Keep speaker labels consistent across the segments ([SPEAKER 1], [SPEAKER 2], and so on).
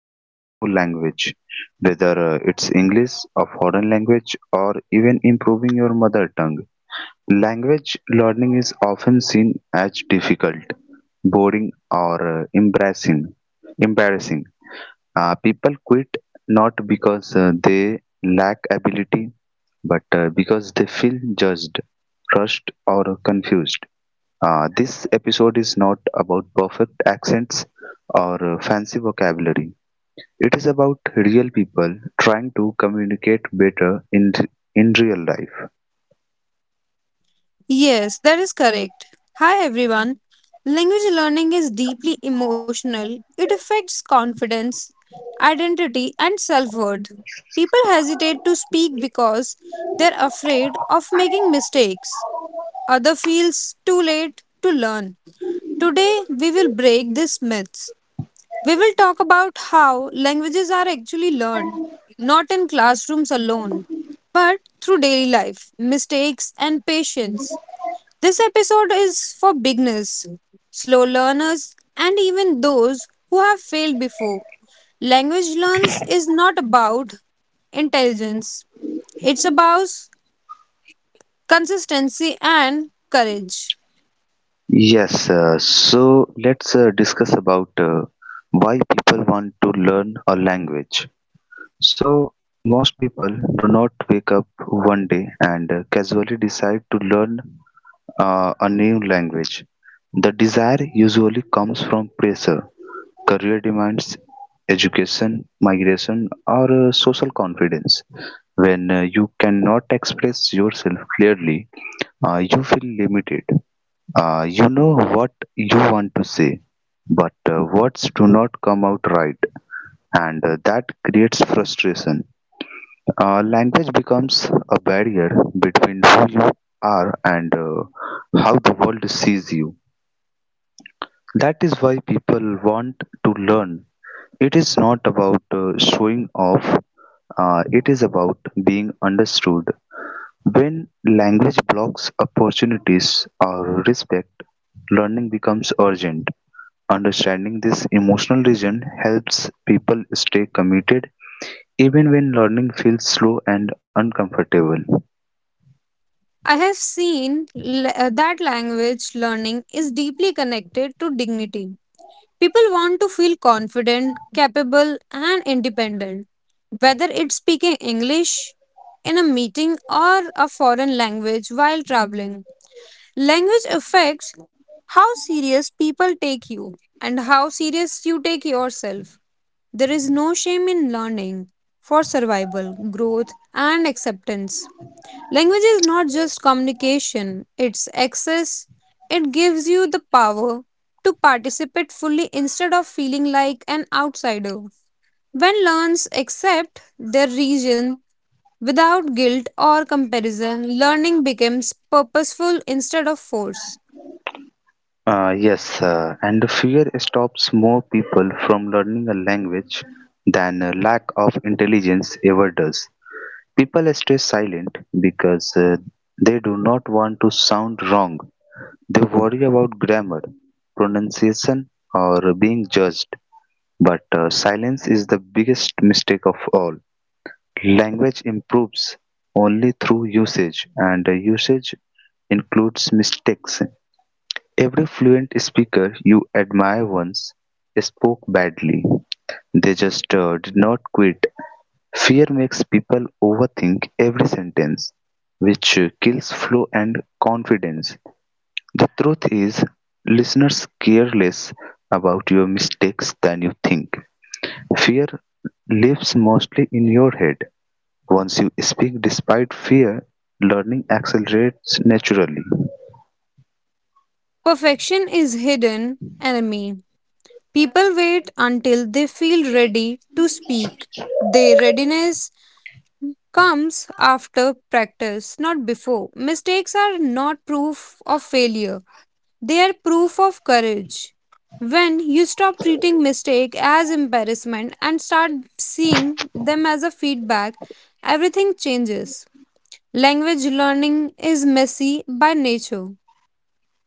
[SPEAKER 1] learning a new language, whether it's English, a foreign language, or even improving your mother tongue. Language learning is often seen as difficult, boring, or embarrassing. embarrassing People quit not because they lack ability, but because they feel judged, rushed, or confused. This episode is not about perfect accents or fancy vocabulary. It is about real people trying to communicate better in real life.
[SPEAKER 2] Yes, that is correct. Hi everyone. Language learning is deeply emotional. It affects confidence, identity, and self worth. People hesitate to speak because they're afraid of making mistakes. Other feels too late to learn. Today, we will break these myths. We will talk about how languages are actually learned, not in classrooms alone, but through daily life, mistakes, and patience. This episode is for beginners, slow learners, and even those who have failed before. Language learns is not about intelligence, it's about consistency and courage.
[SPEAKER 1] Yes, so let's discuss about why people want to learn a language. So, most people do not wake up one day and casually decide to learn a new language. The desire usually comes from pressure, career demands, education, migration, or social confidence. When you cannot express yourself clearly, you feel limited. You know what you want to say, but words do not come out right, and that creates frustration. Language becomes a barrier between who you are and how the world sees you. That is why people want to learn. It is not about showing off, it is about being understood. When language blocks opportunities or respect, learning becomes urgent. Understanding this emotional region helps people stay committed even when learning feels slow and uncomfortable.
[SPEAKER 2] I have seen that language learning is deeply connected to dignity. People want to feel confident, capable, and independent, whether it's speaking English in a meeting or a foreign language while traveling. Language affects how serious people take you and how serious you take yourself. There is no shame in learning for survival, growth, and acceptance. Language is not just communication, it's access. It gives you the power to participate fully instead of feeling like an outsider. When learns accept their region without guilt or comparison, learning becomes purposeful instead of force.
[SPEAKER 1] Yes, and fear stops more people from learning a language than a lack of intelligence ever does. People stay silent because they do not want to sound wrong. They worry about grammar, pronunciation, or being judged. But silence is the biggest mistake of all. Language improves only through usage, and usage includes mistakes. Every fluent speaker you admire once spoke badly. They just did not quit. Fear makes people overthink every sentence, which kills flow and confidence. The truth is, listeners care less about your mistakes than you think. Fear lives mostly in your head. Once you speak despite fear, learning accelerates naturally.
[SPEAKER 2] Perfection is hidden enemy. People wait until they feel ready to speak. Their readiness comes after practice, not before. Mistakes are not proof of failure. They are proof of courage. When you stop treating mistake as embarrassment and start seeing them as a feedback, everything changes. Language learning is messy by nature.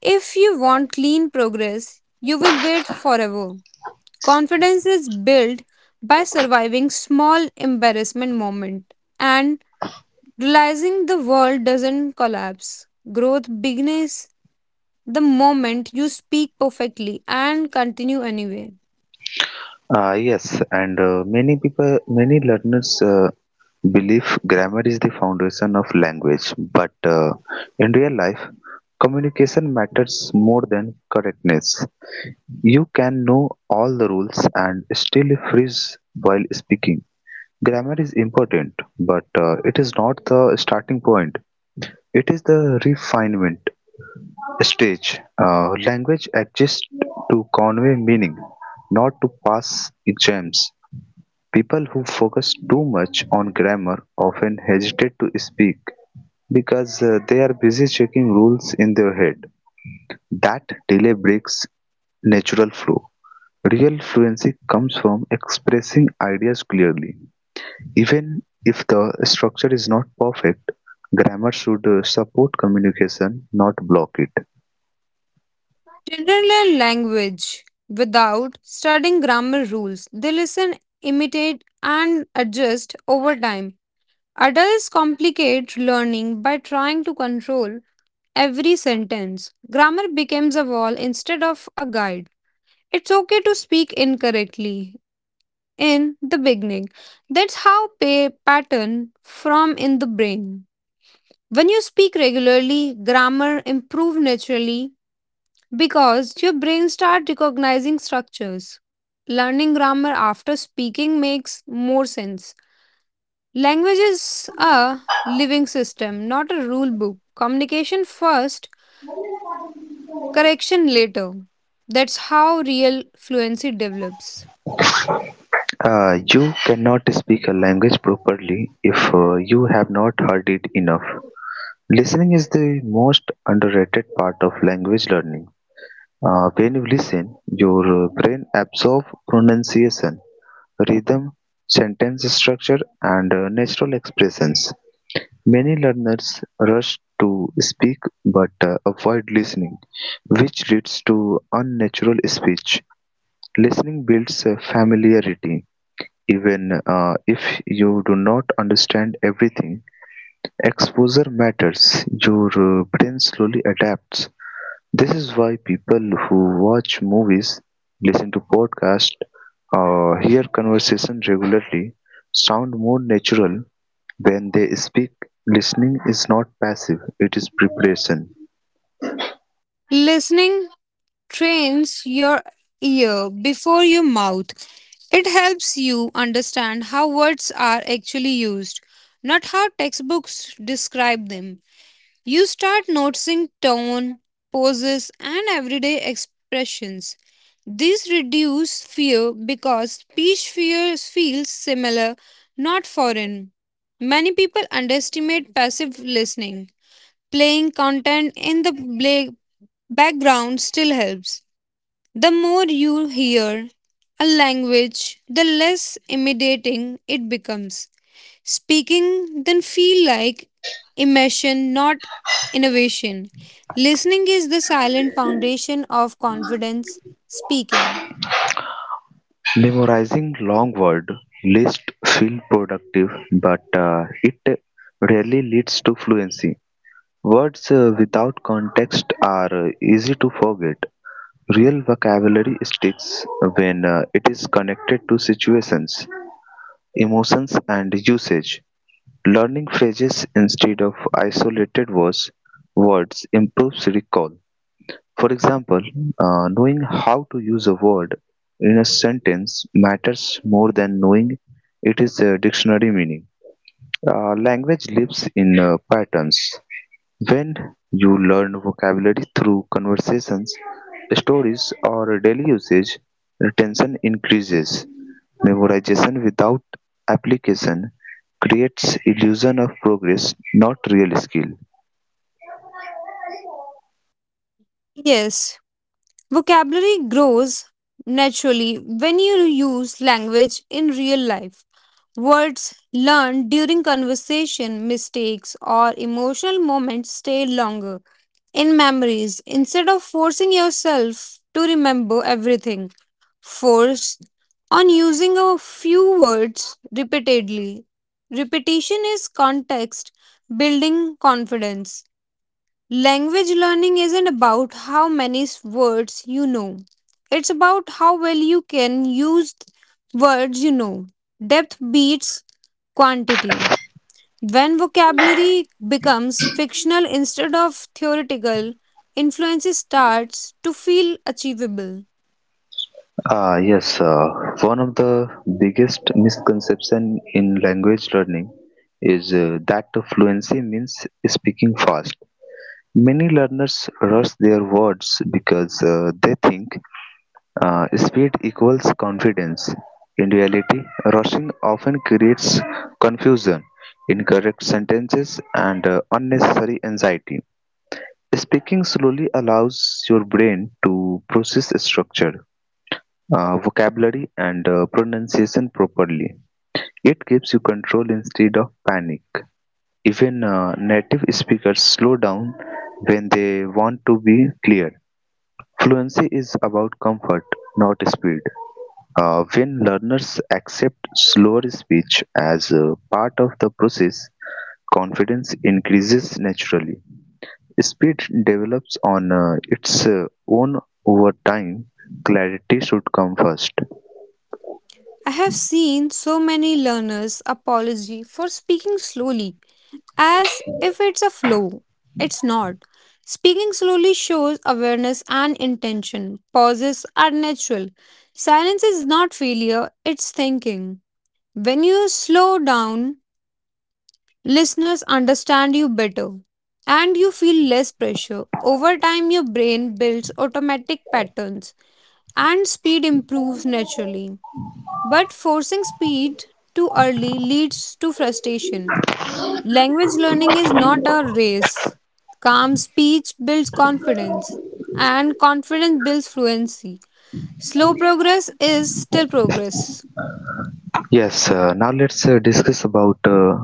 [SPEAKER 2] If you want clean progress, you will wait forever. Confidence is built by surviving small embarrassment moment and realizing the world doesn't collapse. Growth begins the moment you speak perfectly and continue anyway.
[SPEAKER 1] Yes, and many learners believe grammar is the foundation of language, but in real life, communication matters more than correctness. You can know all the rules and still freeze while speaking. Grammar is important, but it is not the starting point. It is the refinement stage. Language exists to convey meaning, not to pass exams. People who focus too much on grammar often hesitate to speak because they are busy checking rules in their head. That delay breaks natural flow. Real fluency comes from expressing ideas clearly. Even if the structure is not perfect, grammar should support communication, not block it.
[SPEAKER 2] Children learn language without studying grammar rules. They listen, imitate, and adjust over time. Adults complicate learning by trying to control every sentence. Grammar becomes a wall instead of a guide. It's okay to speak incorrectly in the beginning. That's how pay pattern form in the brain. When you speak regularly, grammar improve naturally because your brain start recognizing structures. Learning grammar after speaking makes more sense. Language is a living system, not a rule book. Communication first, correction later. That's how real fluency develops.
[SPEAKER 1] You cannot speak a language properly if you have not heard it enough. Listening is the most underrated part of language learning. When you listen, your brain absorbs pronunciation, rhythm, sentence structure, and natural expressions. Many learners rush to speak but avoid listening, which leads to unnatural speech. Listening builds familiarity. Even if you do not understand everything, exposure matters. Your brain slowly adapts. This is why people who watch movies, listen to podcasts, or hear conversation regularly sound more natural when they speak. Listening is not passive, it is preparation.
[SPEAKER 2] Listening trains your ear before your mouth. It helps you understand how words are actually used, not how textbooks describe them. You start noticing tone, poses, and everyday expressions. These reduce fear because speech fears feels similar, not foreign. Many people underestimate passive listening. Playing content in the background still helps. The more you hear a language, the less intimidating it becomes. Speaking then feel like immersion, not innovation. Listening is the silent foundation of confidence speaking.
[SPEAKER 1] Memorizing long word lists feel productive, but it rarely leads to fluency. Words without context are easy to forget. Real vocabulary sticks when it is connected to situations, emotions, and usage. Learning phrases instead of isolated words improves recall. For example, knowing how to use a word in a sentence matters more than knowing it is a dictionary meaning. Language lives in patterns. When you learn vocabulary through conversations, stories, or daily usage, retention increases. Memorization without application creates illusion of progress, not real skill.
[SPEAKER 2] Yes, vocabulary grows naturally when you use language in real life. Words learned during conversation, mistakes, or emotional moments stay longer in memories instead of forcing yourself to remember everything. Force on using a few words repeatedly. Repetition is context building confidence. Language learning isn't about how many words you know. It's about how well you can use words you know. Depth beats quantity. When vocabulary becomes fictional instead of theoretical, influence starts to feel achievable.
[SPEAKER 1] Ah, yes, uh, One of the biggest misconception in language learning is that fluency means speaking fast. Many learners rush their words because they think speed equals confidence. In reality, rushing often creates confusion, incorrect sentences, and unnecessary anxiety. Speaking slowly allows your brain to process structure, vocabulary, and pronunciation properly. It gives you control instead of panic. Even native speakers slow down when they want to be clear. Fluency is about comfort, not speed. When learners accept slower speech as a part of the process, confidence increases naturally. Speed develops on its own over time. Clarity should come first.
[SPEAKER 2] I have seen so many learners apology for speaking slowly as if it's a flow. It's not. Speaking slowly shows awareness and intention. Pauses are natural. Silence is not failure, it's thinking. When you slow down, listeners understand you better and you feel less pressure. Over time, your brain builds automatic patterns and speed improves naturally. But forcing speed too early leads to frustration. Language learning is not a race. Calm speech builds confidence, and confidence builds fluency. Slow progress is still progress.
[SPEAKER 1] Yes, now let's discuss about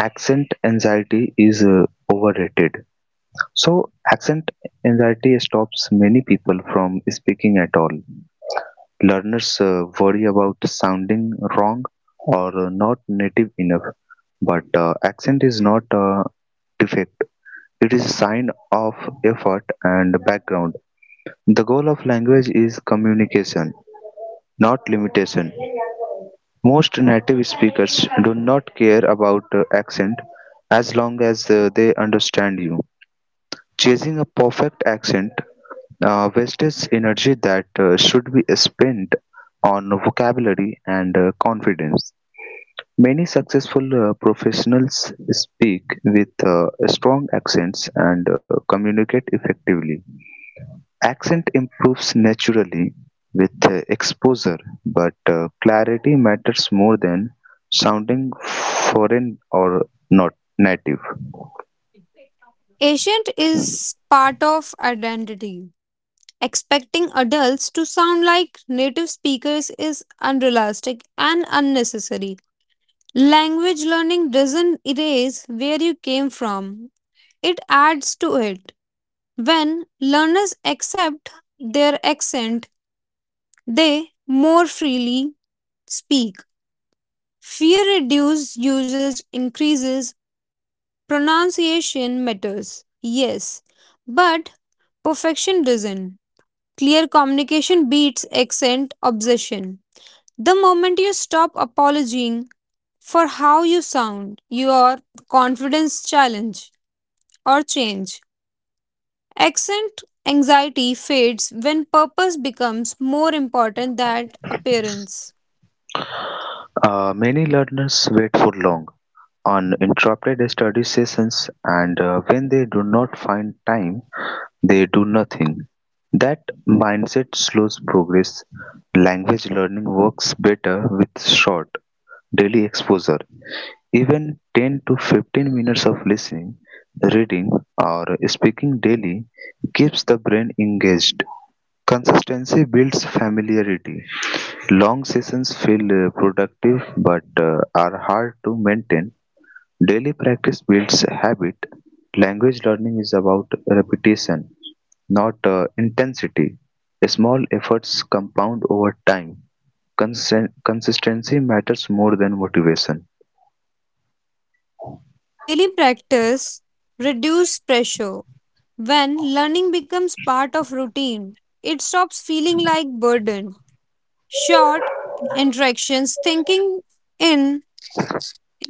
[SPEAKER 1] accent anxiety is overrated. So, accent anxiety stops many people from speaking at all. Learners worry about sounding wrong or not native enough, but accent is not a defect. It is a sign of effort and background. The goal of language is communication, not limitation. Most native speakers do not care about accent as long as they understand you. Chasing a perfect accent wastes energy that should be spent on vocabulary and confidence. Many successful professionals speak with strong accents and communicate effectively. Accent improves naturally with exposure, but clarity matters more than sounding foreign or not native.
[SPEAKER 2] Ancient is part of identity. Expecting adults to sound like native speakers is unrealistic and unnecessary. Language learning doesn't erase where you came from, it adds to it. When learners accept their accent, they more freely speak. Fear reduces usage increases, pronunciation matters. Yes, but perfection doesn't. Clear communication beats accent obsession. The moment you stop apologizing for how you sound, your confidence challenge or change. Accent anxiety fades when purpose becomes more important than appearance.
[SPEAKER 1] Many learners wait for long on interrupted study sessions, and when they do not find time, they do nothing. That mindset slows progress. Language learning works better with short daily exposure. Even 10 to 15 minutes of listening, reading, or speaking daily keeps the brain engaged. Consistency builds familiarity. Long sessions feel productive, but are hard to maintain. Daily practice builds habit. Language learning is about repetition, not intensity. Small efforts compound over time. Consistency matters more than motivation.
[SPEAKER 2] Daily practice reduces pressure. When learning becomes part of routine, it stops feeling like burden. Short interactions, thinking in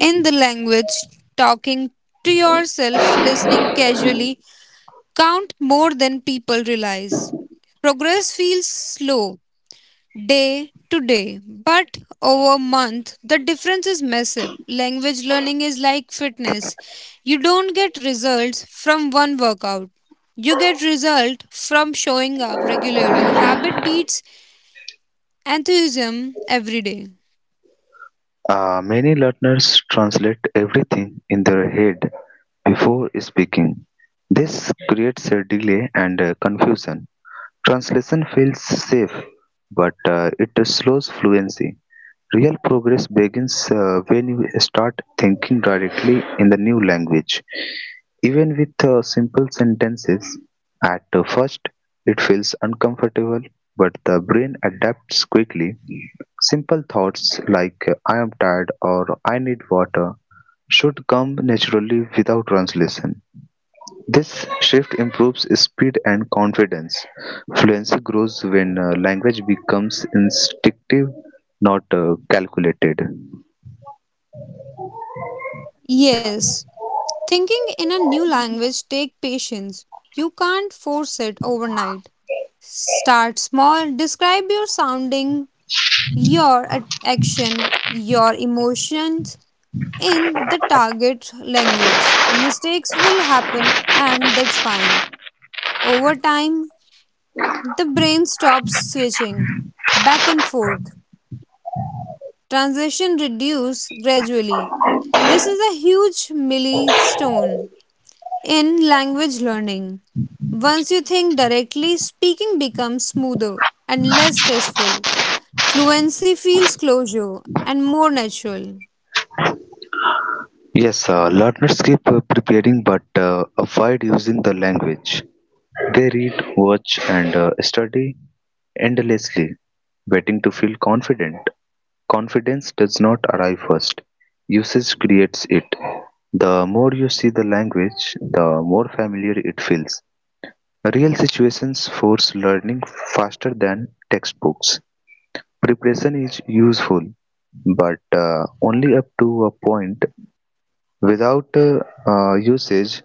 [SPEAKER 2] in the language, talking to yourself, listening casually count more than people realize. Progress feels slow day to day, but over a month, the difference is massive. Language learning is like fitness. You don't get results from one workout. You get result from showing up regularly. Habit beats enthusiasm every day.
[SPEAKER 1] Many learners translate everything in their head before speaking. This creates a delay and confusion. Translation feels safe, but it slows fluency. Real progress begins when you start thinking directly in the new language. Even with simple sentences, at first it feels uncomfortable, but the brain adapts quickly. Simple thoughts like I am tired or I need water should come naturally without translation. This shift improves speed and confidence. Fluency grows when language becomes instinctive, not calculated.
[SPEAKER 2] Yes, thinking in a new language take patience. You can't force it overnight. Start small. Describe your sounding, your action, your emotions in the target language. Mistakes will happen, and that's fine. Over time, the brain stops switching back and forth. Translation reduce gradually. This is a huge milestone in language learning. Once you think directly, speaking becomes smoother and less stressful. Fluency feels closer and more natural.
[SPEAKER 1] Yes, learners keep preparing but avoid using the language. They read, watch, and study endlessly, waiting to feel confident. Confidence does not arrive first, usage creates it. The more you see the language, the more familiar it feels. Real situations force learning faster than textbooks. Preparation is useful, but only up to a point. Without usage,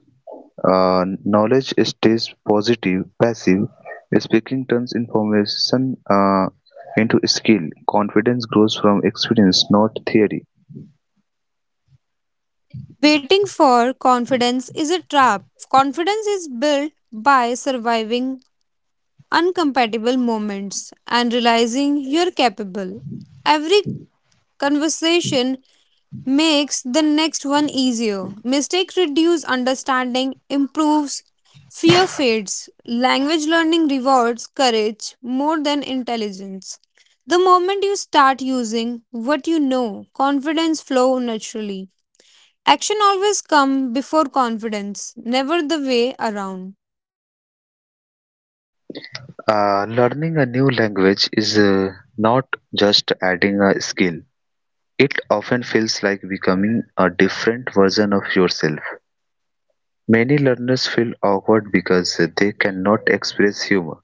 [SPEAKER 1] knowledge stays passive. Speaking turns information into skill. Confidence grows from experience, not theory.
[SPEAKER 2] Waiting for confidence is a trap. Confidence is built by surviving uncompatible moments and realizing you're capable. Every conversation makes the next one easier. Mistake reduce understanding, improves fear fades. Language learning rewards courage more than intelligence. The moment you start using what you know, confidence flow naturally. Action always come before confidence, never the way around.
[SPEAKER 1] Learning a new language is not just adding a skill. It often feels like becoming a different version of yourself. Many learners feel awkward because they cannot express humor,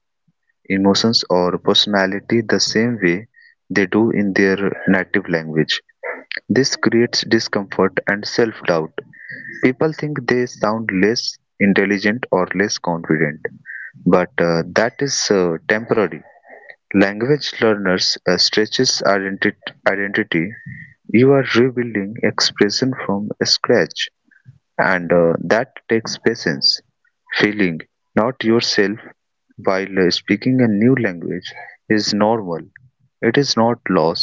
[SPEAKER 1] emotions, or personality the same way they do in their native language. This creates discomfort and self doubt. People think they sound less intelligent or less confident, but that is temporary. Language learners stretches identity. You are rebuilding expression from scratch, and that takes patience. Feeling not yourself while speaking a new language is normal. It is not loss,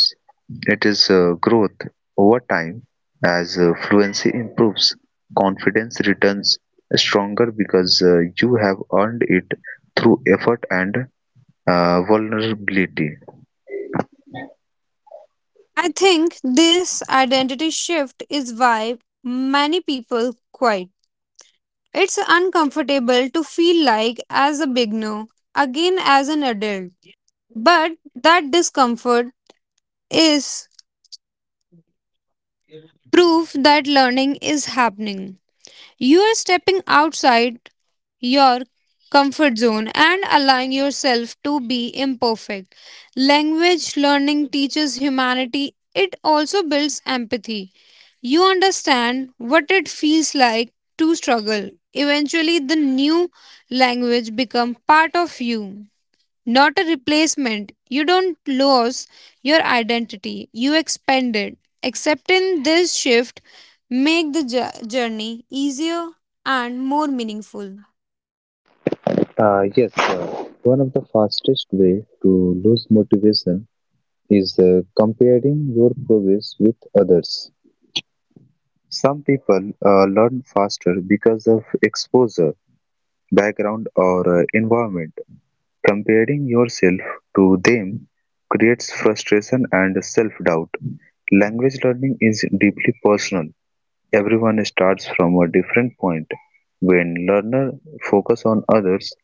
[SPEAKER 1] it is growth over time. As fluency improves, confidence returns stronger because you have earned it through effort and vulnerability.
[SPEAKER 2] I think this identity shift is why many people quit. It's uncomfortable to feel like as a beginner, again as an adult. But that discomfort is proof that learning is happening. You are stepping outside your comfort zone and allowing yourself to be imperfect. Language learning teaches humanity, it also builds empathy. You understand what it feels like to struggle. Eventually, the new language becomes part of you, not a replacement. You don't lose your identity, you expand it. Accepting this shift make the journey easier and more meaningful.
[SPEAKER 1] Yes, one of the fastest way to lose motivation is comparing your progress with others. Some people learn faster because of exposure, background, or environment. Comparing yourself to them creates frustration and self-doubt. Language learning is deeply personal. Everyone starts from a different point. When learner focus on others,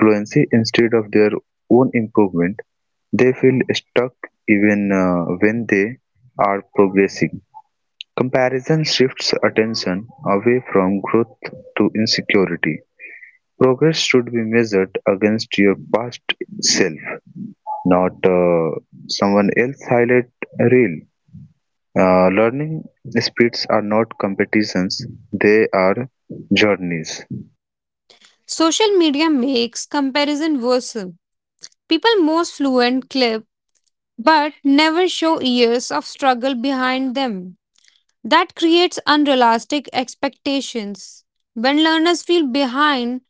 [SPEAKER 1] fluency instead of their own improvement, they feel stuck even when they are progressing. Comparison shifts attention away from growth to insecurity. Progress should be measured against your past self, not someone else's highlight reel. Learning speeds are not competitions, they are journeys.
[SPEAKER 2] Social media makes comparison worse. People most fluent clip but never show years of struggle behind them. That creates unrealistic expectations. When learners feel behind,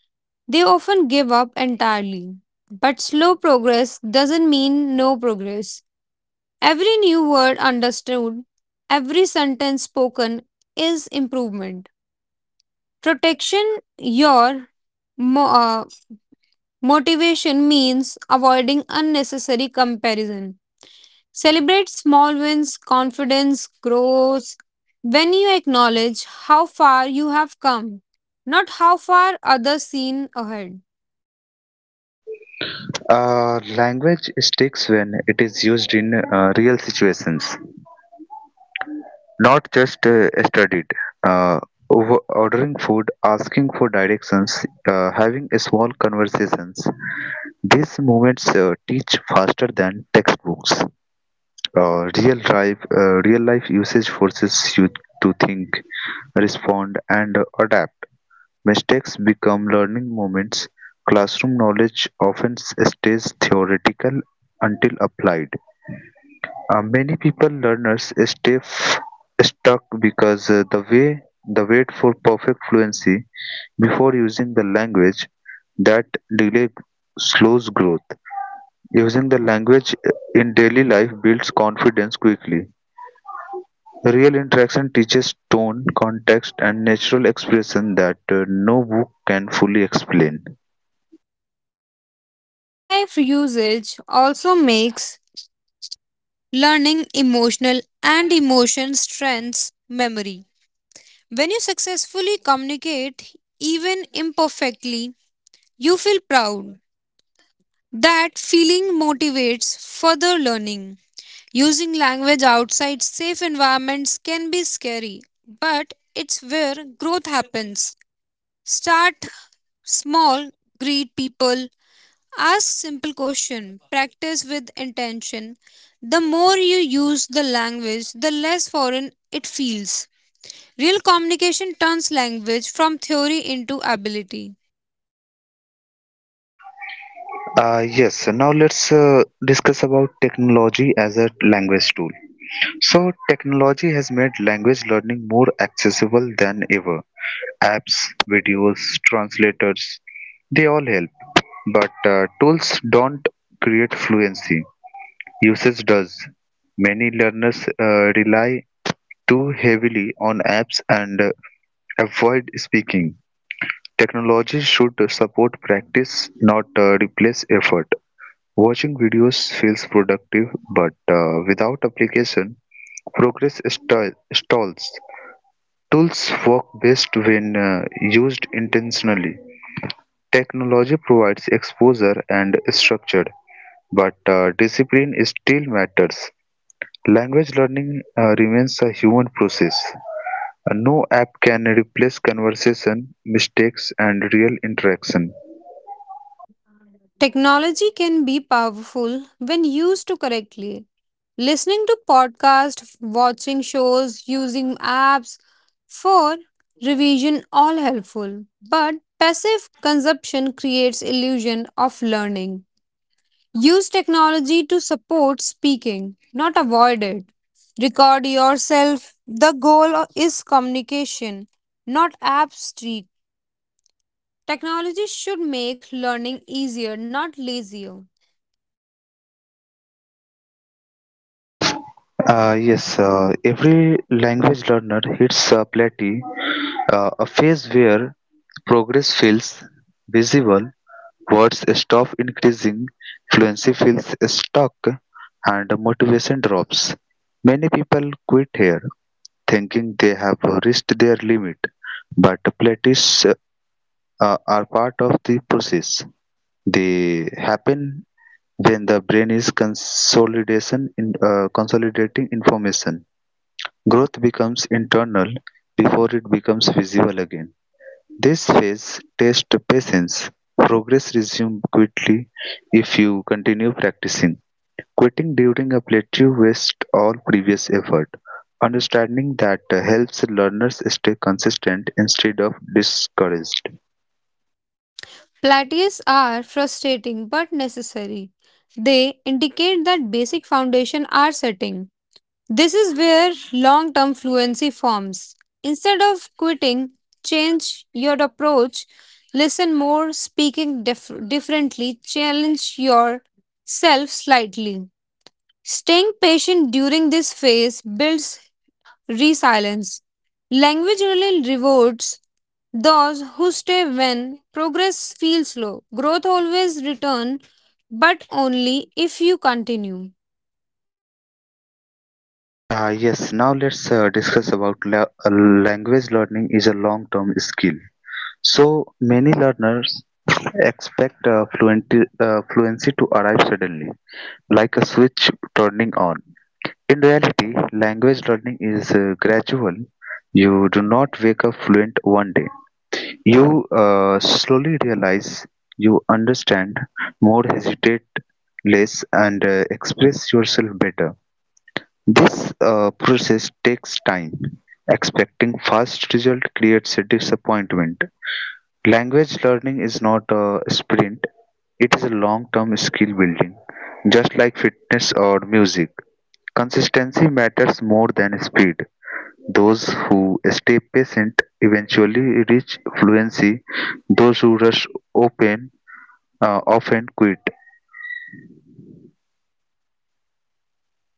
[SPEAKER 2] they often give up entirely. But slow progress doesn't mean no progress. Every new word understood, every sentence spoken is improvement. Protection your mo- uh, motivation means avoiding unnecessary comparison. Celebrate small wins, confidence grows when you acknowledge how far you have come, not how far others seen ahead.
[SPEAKER 1] Language sticks when it is used in real situations, not just studied. Uh, Ordering food, asking for directions, having small conversations: these moments teach faster than textbooks. Real life usage forces you to think, respond, and adapt. Mistakes become learning moments. Classroom knowledge often stays theoretical until applied. Many people learners stay stuck because the way the wait for perfect fluency before using the language. That delay slows growth. Using the language in daily life builds confidence quickly. Real interaction teaches tone, context, and natural expression that no book can fully explain.
[SPEAKER 2] Real life usage also makes learning emotional and emotion strengths memory. When you successfully communicate, even imperfectly, you feel proud. That feeling motivates further learning. Using language outside safe environments can be scary, but it's where growth happens. Start small, greet people, ask simple questions, practice with intention. The more you use the language, the less foreign it feels. Real communication turns language from theory into ability.
[SPEAKER 1] Yes, now let's discuss about technology as a language tool. So technology has made language learning more accessible than ever. Apps, videos, translators, they all help. But tools don't create fluency. Usage does. Many learners rely too heavily on apps and avoid speaking. Technology should support practice, not replace effort. Watching videos feels productive, but without application, progress stalls. Tools work best when used intentionally. Technology provides exposure and structure, but discipline still matters. Language learning remains a human process. No app can replace conversation, mistakes, and real interaction.
[SPEAKER 2] Technology can be powerful when used to correctly. Listening to podcasts, watching shows, using apps for revision all helpful. But passive consumption creates illusion of learning. Use technology to support speaking, not avoid it. Record yourself. The goal is communication, not abstract. Technology should make learning easier, not lazier.
[SPEAKER 1] Yes, every language learner hits a plateau, a phase where progress feels visible, words stop increasing, fluency feels stuck, and motivation drops. Many people quit here, thinking they have reached their limit, but plateaus are part of the process. They happen when the brain is consolidation in consolidating information. Growth becomes internal before it becomes visible again. This phase tests patience. Progress resumes quickly if you continue practicing. Quitting during a plateau wastes all previous effort. Understanding that helps learners stay consistent instead of discouraged.
[SPEAKER 2] Plateaus are frustrating but necessary. They indicate that basic foundation are setting. This is where long term fluency forms. Instead of quitting, change your approach, listen more, speaking differently, challenge yourself slightly. Staying patient during this phase builds resilience. Language really rewards those who stay when progress feels slow. Growth always returns, but only if you continue.
[SPEAKER 1] Yes, now let's discuss about language learning is a long-term skill. So many learners expect fluency to arrive suddenly, like a switch turning on. In reality, language learning is gradual. You do not wake up fluent one day. You slowly realize you understand more, hesitate less, and express yourself better. This process takes time. Expecting fast result creates a disappointment. Language learning is not a sprint, it is a long term skill building. Just like fitness or music, consistency matters more than speed. Those who stay patient eventually reach fluency, those who rush open often quit.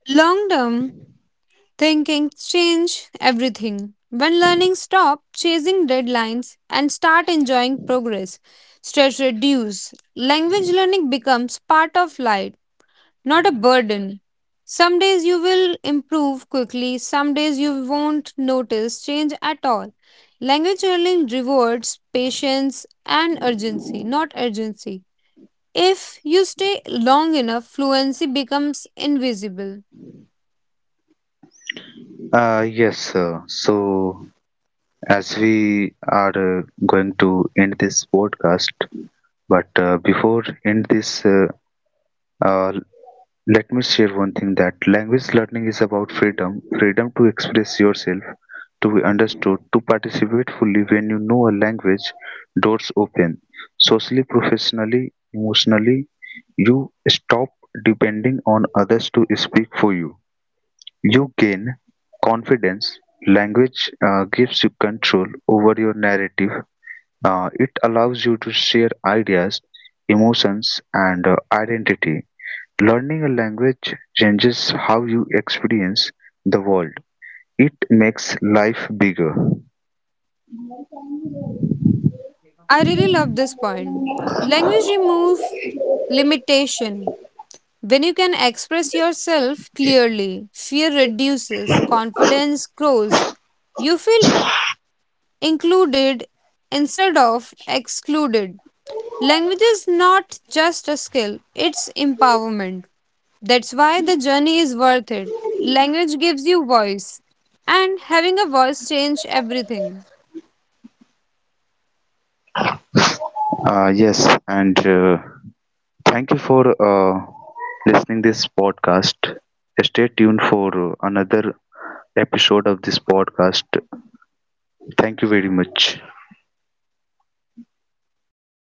[SPEAKER 2] Long term thinking change everything. When learning stop chasing deadlines and start enjoying progress, stress reduce. Language learning becomes part of life, not a burden. Some days you will improve quickly, some days you won't notice change at all. Language learning rewards patience and urgency, not urgency. If you stay long enough, fluency becomes invisible.
[SPEAKER 1] Yes, sir. So, as we are going to end this podcast, but before end this, uh, let me share one thing, that language learning is about freedom, freedom to express yourself, to be understood, to participate fully. When you know a language, doors open: socially, professionally, emotionally. You stop depending on others to speak for you. You gain confidence. Language gives you control over your narrative. It allows you to share ideas, emotions, and identity. Learning a language changes how you experience the world. It makes life bigger.
[SPEAKER 2] I really love this point. Language remove limitation. When you can express yourself clearly, fear reduces, confidence grows. You feel included instead of excluded. Language is not just a skill, it's empowerment. That's why the journey is worth it. Language gives you voice, and having a voice changes everything.
[SPEAKER 1] Yes, and thank you for listening this podcast. Stay tuned for another episode of this podcast. Thank you very much.